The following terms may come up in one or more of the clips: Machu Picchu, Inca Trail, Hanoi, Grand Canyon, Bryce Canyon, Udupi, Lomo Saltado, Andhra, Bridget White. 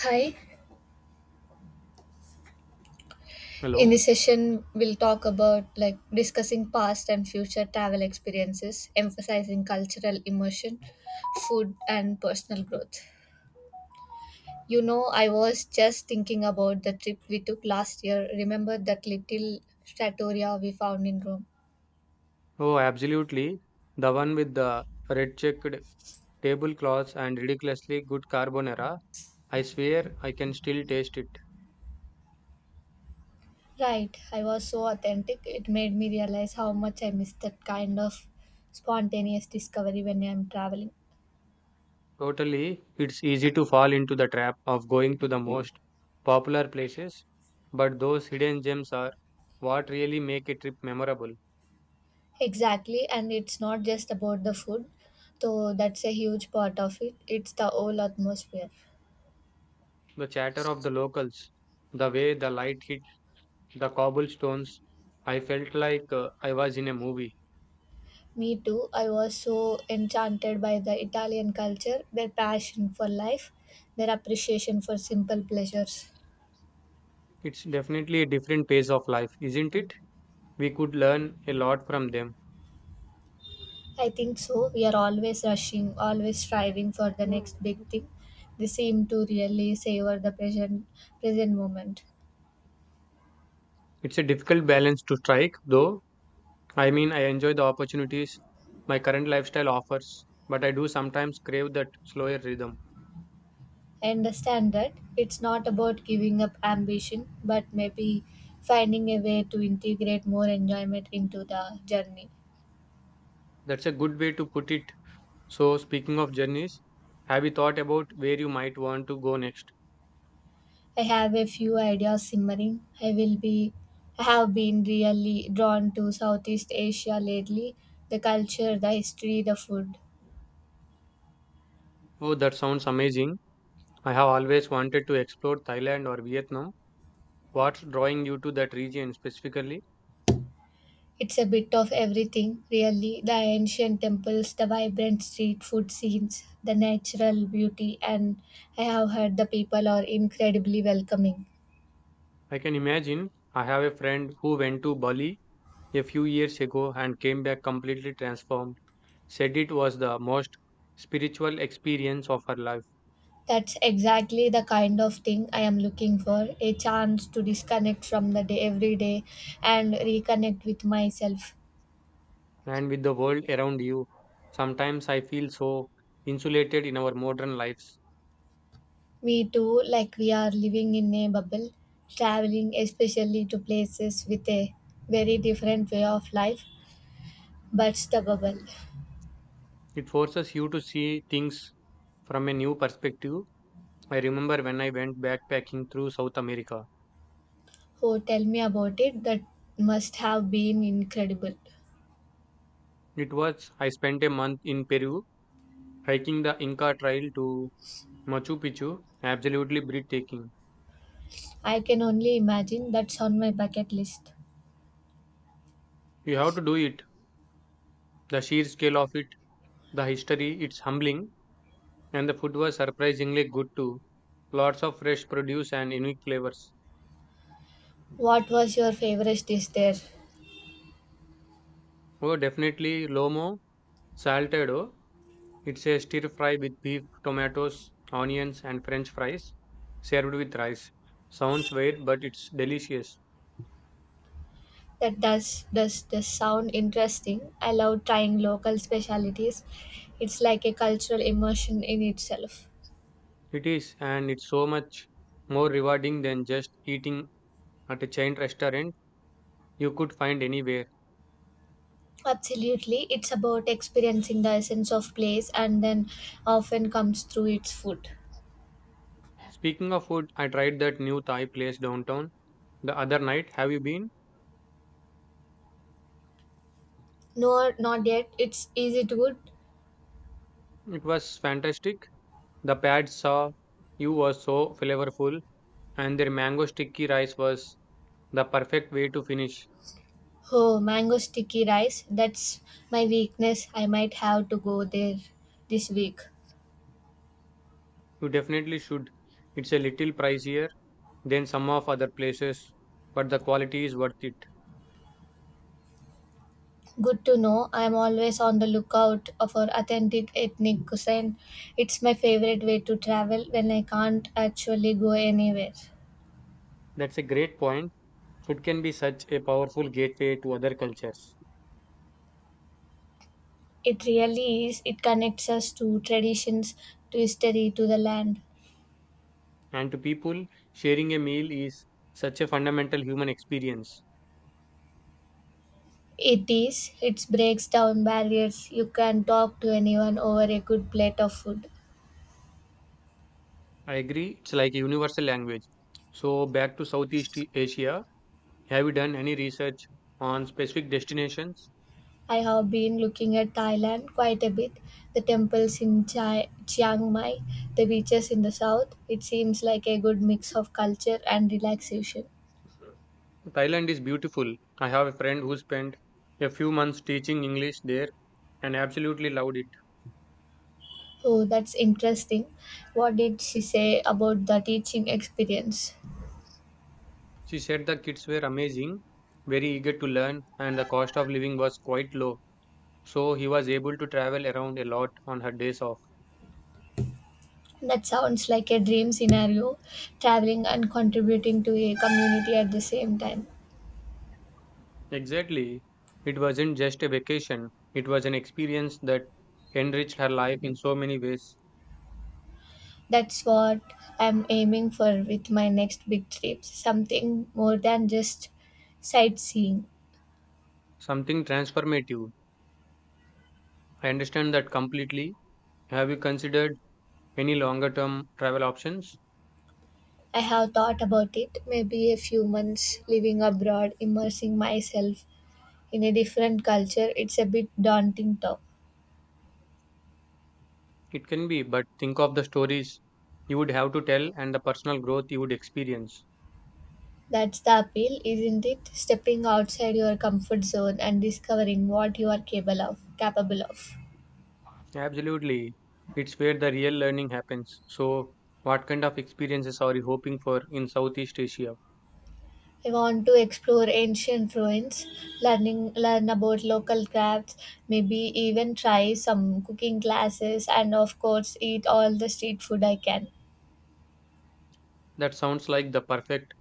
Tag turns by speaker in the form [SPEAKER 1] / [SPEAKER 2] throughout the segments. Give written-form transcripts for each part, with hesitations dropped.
[SPEAKER 1] Hi, in
[SPEAKER 2] Hello.
[SPEAKER 1] this session, we'll talk about discussing past and future travel experiences, emphasizing cultural immersion, food, and personal growth. You know, I was just thinking about the trip we took last year. Remember that little trattoria we found in Rome?
[SPEAKER 2] Oh, absolutely. The one with the red checked tablecloths and ridiculously good carbonara. I swear I can still taste it.
[SPEAKER 1] Right, I was so authentic. It made me realize how much I miss that kind of spontaneous discovery when I'm traveling.
[SPEAKER 2] Totally, it's easy to fall into the trap of going to the most popular places, but those hidden gems are what really make a trip memorable.
[SPEAKER 1] Exactly, and it's not just about the food, though that's a huge part of it. It's the whole atmosphere.
[SPEAKER 2] The chatter of the locals, the way the light hit the cobblestones, I felt like I was in a movie.
[SPEAKER 1] Me too, I was so enchanted by the Italian culture, their passion for life, their appreciation for simple pleasures.
[SPEAKER 2] It's definitely a different pace of life, isn't it? We could learn a lot from them.
[SPEAKER 1] I think so. We are always rushing, always striving for the
[SPEAKER 2] Mm.
[SPEAKER 1] next big thing. They seem to really savor the present moment.
[SPEAKER 2] It's a difficult balance to strike, though. I mean, I enjoy the opportunities my current lifestyle offers, but I do sometimes crave that slower rhythm.
[SPEAKER 1] I understand that it's not about giving up ambition, but maybe finding a way to integrate more enjoyment into the journey.
[SPEAKER 2] That's a good way to put it. So, speaking of journeys, have you thought about where you might want to go next?
[SPEAKER 1] I have a few ideas simmering. I will be I have been really drawn to Southeast Asia lately. The culture, the history, the food.
[SPEAKER 2] Oh, that sounds amazing. I have always wanted to explore Thailand or Vietnam. What's drawing you to that region specifically?
[SPEAKER 1] It's a bit of everything, really. The ancient temples, the vibrant street food scenes, the natural beauty, and I have heard the people are incredibly welcoming.
[SPEAKER 2] I can imagine. I have a friend who went to Bali a few years ago and came back completely transformed. Said it was the most spiritual experience of her life.
[SPEAKER 1] That's exactly the kind of thing I am looking for, a chance to disconnect from the day every day and reconnect with myself.
[SPEAKER 2] And with the world around you, sometimes I feel so insulated in our modern lives.
[SPEAKER 1] Me too, like we are living in a bubble, traveling especially to places with a very different way of life, but the bubble.
[SPEAKER 2] It forces you to see things from a new perspective. I remember when I went backpacking through South America.
[SPEAKER 1] Oh, tell me about it. That must have been incredible.
[SPEAKER 2] It was, I spent a month in Peru hiking the Inca Trail to Machu Picchu. Absolutely breathtaking.
[SPEAKER 1] I can only imagine. That's on my bucket list.
[SPEAKER 2] You have to do it. The sheer scale of it, the history, it's humbling. And the food was surprisingly good too. Lots of fresh produce and unique flavors.
[SPEAKER 1] What was your favorite dish there?
[SPEAKER 2] Oh, definitely Lomo Saltado. It's a stir fry with beef, tomatoes, onions, and French fries served with rice. Sounds weird, but it's delicious.
[SPEAKER 1] That does sound interesting. I love trying local specialities. It's like a cultural immersion in itself.
[SPEAKER 2] It is, and it's so much more rewarding than just eating at a chain restaurant you could find anywhere.
[SPEAKER 1] Absolutely, it's about experiencing the essence of place and then often comes through its food.
[SPEAKER 2] Speaking of food, I tried that new Thai place downtown the other night. Have you been?
[SPEAKER 1] No, not yet. It's Is it good?
[SPEAKER 2] It was fantastic. The pad saw you was so flavorful, and their mango sticky rice was the perfect way to finish.
[SPEAKER 1] Oh, mango sticky rice. That's my weakness. I might have to go there this week.
[SPEAKER 2] You definitely should. It's a little pricier than some of other places, but the quality is worth it.
[SPEAKER 1] Good to know. I am always on the lookout for authentic ethnic cuisine. It's my favorite way to travel when I can't actually go anywhere.
[SPEAKER 2] That's a great point. Food can be such a powerful gateway to other cultures.
[SPEAKER 1] It really is. It connects us to traditions, to history, to the land.
[SPEAKER 2] And to people, sharing a meal is such a fundamental human experience.
[SPEAKER 1] It is. It breaks down barriers. You can talk to anyone over a good plate of food.
[SPEAKER 2] I agree, it's like a universal language. So, back to Southeast Asia, have you done any research on specific destinations?
[SPEAKER 1] I have been looking at Thailand quite a bit. The temples in Chiang Mai, the beaches in the south. It seems like a good mix of culture and relaxation.
[SPEAKER 2] Thailand is beautiful. I have a friend who spent a few months teaching English there and absolutely loved it.
[SPEAKER 1] Oh, that's interesting. What did she say about the teaching experience?
[SPEAKER 2] She said the kids were amazing, very eager to learn, and the cost of living was quite low. So he was able to travel around a lot on her days off.
[SPEAKER 1] That sounds like a dream scenario, traveling and contributing to a community at the same time.
[SPEAKER 2] Exactly. It wasn't just a vacation, it was an experience that enriched her life in so many ways,
[SPEAKER 1] That's what I'm aiming for with my next big trip, something more than just sightseeing.
[SPEAKER 2] something transformative. I understand that completely. Have you considered any longer term travel options?
[SPEAKER 1] I have thought about it, maybe a few months living abroad, immersing myself in a different culture. It's a bit daunting though.
[SPEAKER 2] It can be, but think of the stories you would have to tell and the personal growth you would experience.
[SPEAKER 1] That's the appeal, isn't it? Stepping outside your comfort zone and discovering what you are capable of.
[SPEAKER 2] Absolutely. It's where the real learning happens. So, what kind of experiences are you hoping for in Southeast Asia?
[SPEAKER 1] I want to explore ancient ruins, learn about local crafts, maybe even try some cooking classes, and of course eat all the street food I can.
[SPEAKER 2] That sounds like the perfect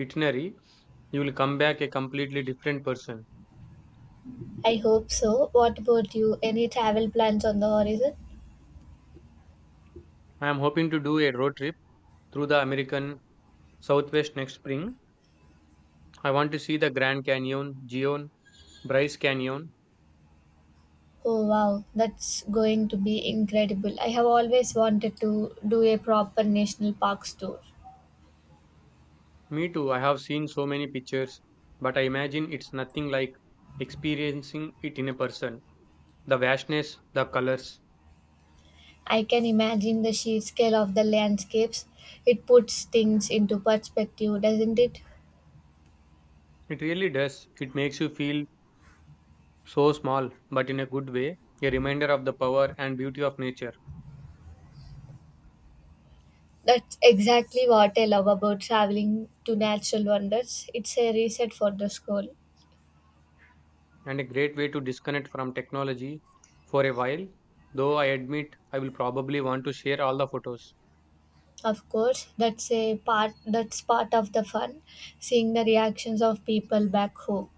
[SPEAKER 2] itinerary. You will come back a completely different person.
[SPEAKER 1] I hope so. What about you? Any travel plans on the horizon?
[SPEAKER 2] I am hoping to do a road trip through the American Southwest next spring. I want to see the Grand Canyon, Gion, Bryce Canyon.
[SPEAKER 1] Oh wow, that's going to be incredible. I have always wanted to do a proper national park tour.
[SPEAKER 2] Me too, I have seen so many pictures, but I imagine it's nothing like experiencing it in a person. The vastness, the colors,
[SPEAKER 1] I can imagine the sheer scale of the landscapes. It puts things into perspective, doesn't it?
[SPEAKER 2] it really does. It makes you feel so small, but in a good way, a reminder of the power and beauty of nature,
[SPEAKER 1] That's exactly what I love about traveling to natural wonders. It's a reset for the soul.
[SPEAKER 2] and a great way to disconnect from technology for a while. Though I admit I will probably want to share all the photos.
[SPEAKER 1] Of course, that's part of the fun, seeing the reactions of people back home.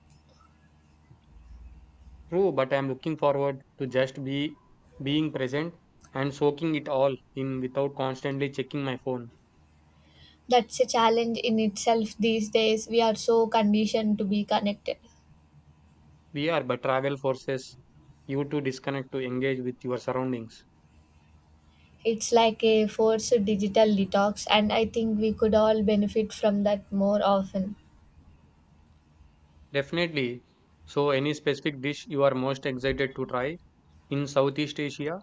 [SPEAKER 2] True, but I am looking forward to just be being present and soaking it all in without constantly checking my phone.
[SPEAKER 1] That's a challenge in itself these days. We are so conditioned to be connected.
[SPEAKER 2] We are, but travel forces you to disconnect to engage with your surroundings.
[SPEAKER 1] It's like a forced digital detox, and I think we could all benefit from that more often.
[SPEAKER 2] Definitely. So, any specific dish you are most excited to try in Southeast Asia?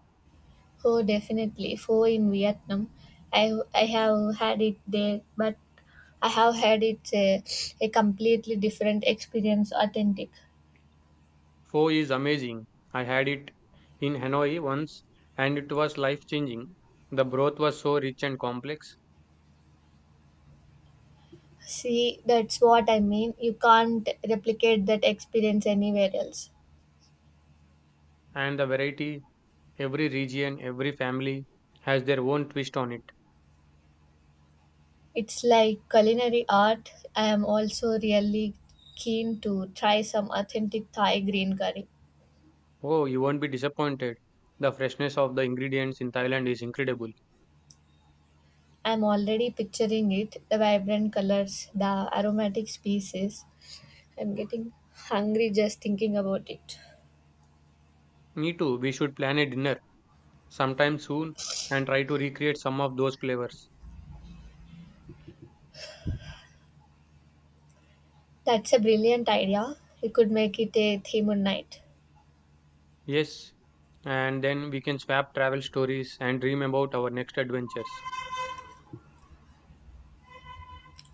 [SPEAKER 1] Oh, definitely. Pho in Vietnam, I have had it there, but I have had a completely different experience, authentic.
[SPEAKER 2] Pho is amazing. I had it in Hanoi once and it was life changing. The broth was so rich and complex,
[SPEAKER 1] See, that's what I mean. You can't replicate that experience anywhere else.
[SPEAKER 2] and the variety, every region, every family has their own twist on it.
[SPEAKER 1] It's like culinary art. I am also really keen to try some authentic Thai green curry.
[SPEAKER 2] Oh, you won't be disappointed. The freshness of the ingredients in Thailand is incredible.
[SPEAKER 1] I'm already picturing it, the vibrant colors, the aromatic species. I'm getting hungry just thinking about it.
[SPEAKER 2] Me too, we should plan a dinner sometime soon and try to recreate some of those flavors.
[SPEAKER 1] That's a brilliant idea. We could make it a theme night.
[SPEAKER 2] Yes, and then we can swap travel stories and dream about our next adventures.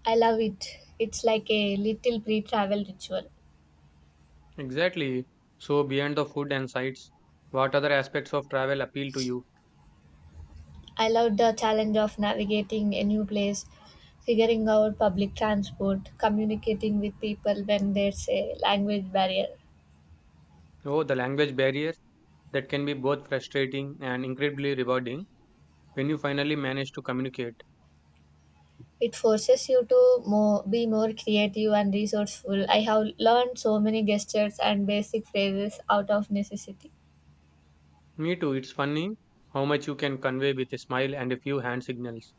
[SPEAKER 1] I love it. It's like a little pre travel ritual.
[SPEAKER 2] Exactly. So, beyond the food and sights, what other aspects of travel appeal to you?
[SPEAKER 1] I loved the challenge of navigating a new place, figuring out public transport, communicating with people when there's a language barrier.
[SPEAKER 2] Oh, the language barrier, that can be both frustrating and incredibly rewarding when you finally manage to communicate.
[SPEAKER 1] It forces you to be more creative and resourceful. I have learned so many gestures and basic phrases out of necessity.
[SPEAKER 2] Me too, it's funny how much you can convey with a smile and a few hand signals.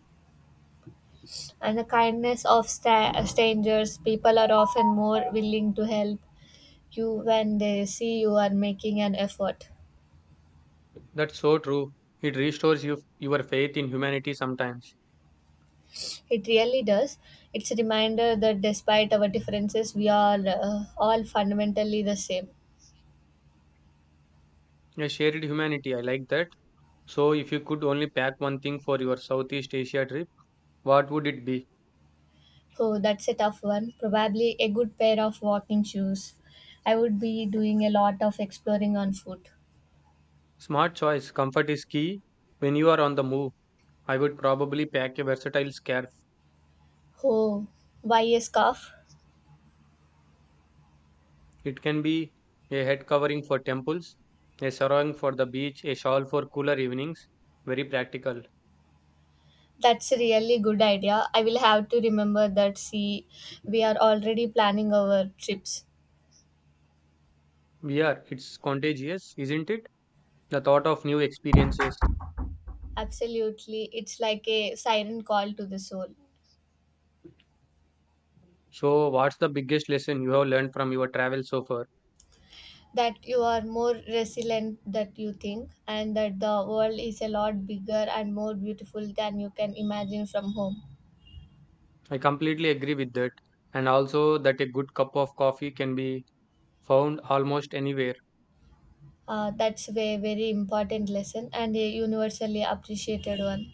[SPEAKER 1] And the kindness of strangers, people are often more willing to help you when they see you are making an effort.
[SPEAKER 2] That's so true. It restores you, your faith in humanity sometimes.
[SPEAKER 1] It really does. It's a reminder that despite our differences, we are all fundamentally the same.
[SPEAKER 2] Yeah, shared humanity. I like that. So, if you could only pack one thing for your Southeast Asia trip, what would it be?
[SPEAKER 1] So that's a tough one. Probably a good pair of walking shoes. I would be doing a lot of exploring on foot.
[SPEAKER 2] Smart choice. Comfort is key. When you are on the move, I would probably pack a versatile scarf.
[SPEAKER 1] Oh, buy a scarf?
[SPEAKER 2] It can be a head covering for temples, a sarong for the beach, a shawl for cooler evenings. Very practical.
[SPEAKER 1] That's a really good idea. I will have to remember that. See, we are already planning our trips.
[SPEAKER 2] Yeah, it's contagious, isn't it? The thought of new experiences.
[SPEAKER 1] Absolutely. It's like a siren call to the soul.
[SPEAKER 2] So, what's the biggest lesson you have learned from your travel so far?
[SPEAKER 1] That you are more resilient that you think, and that the world is a lot bigger and more beautiful than you can imagine from home.
[SPEAKER 2] I completely agree with that, and also that a good cup of coffee can be found almost anywhere.
[SPEAKER 1] That's a very important lesson and a universally appreciated one.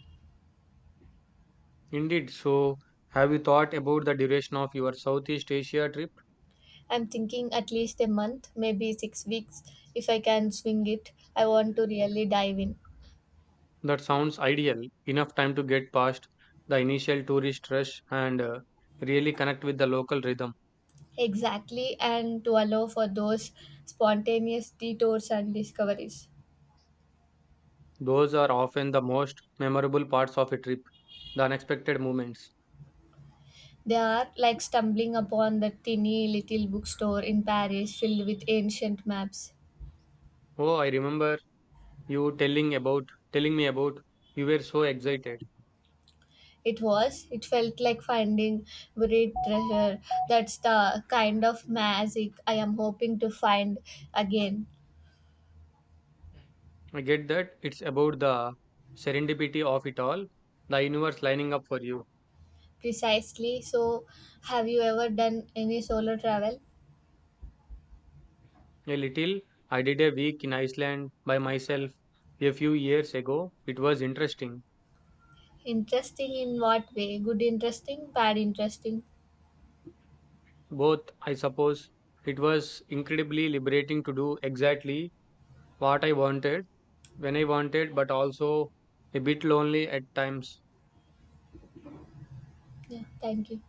[SPEAKER 2] Indeed, so have you thought about the duration of your Southeast Asia trip?
[SPEAKER 1] I'm thinking at least a month, maybe 6 weeks if I can swing it. I want to really dive in.
[SPEAKER 2] That sounds ideal, enough time to get past the initial tourist rush and really connect with the local rhythm.
[SPEAKER 1] Exactly, and to allow for those spontaneous detours and discoveries.
[SPEAKER 2] Those are often the most memorable parts of a trip, the unexpected moments.
[SPEAKER 1] They are like stumbling upon that tiny little bookstore in Paris filled with ancient maps.
[SPEAKER 2] Oh, I remember you telling me about, you were so excited.
[SPEAKER 1] It was, it felt like finding buried treasure. That's the kind of magic I am hoping to find again.
[SPEAKER 2] I get that it's about the serendipity of it all, the universe lining up for you.
[SPEAKER 1] Precisely. So, have you ever done any solo travel?
[SPEAKER 2] A little, I did a week in Iceland by myself a few years ago. It was interesting.
[SPEAKER 1] Interesting in what way? Good interesting, bad interesting?
[SPEAKER 2] Both, I suppose, it was incredibly liberating to do exactly what I wanted when I wanted, but also a bit lonely at times.
[SPEAKER 1] Yeah, thank you.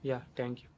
[SPEAKER 2] Yeah, thank you.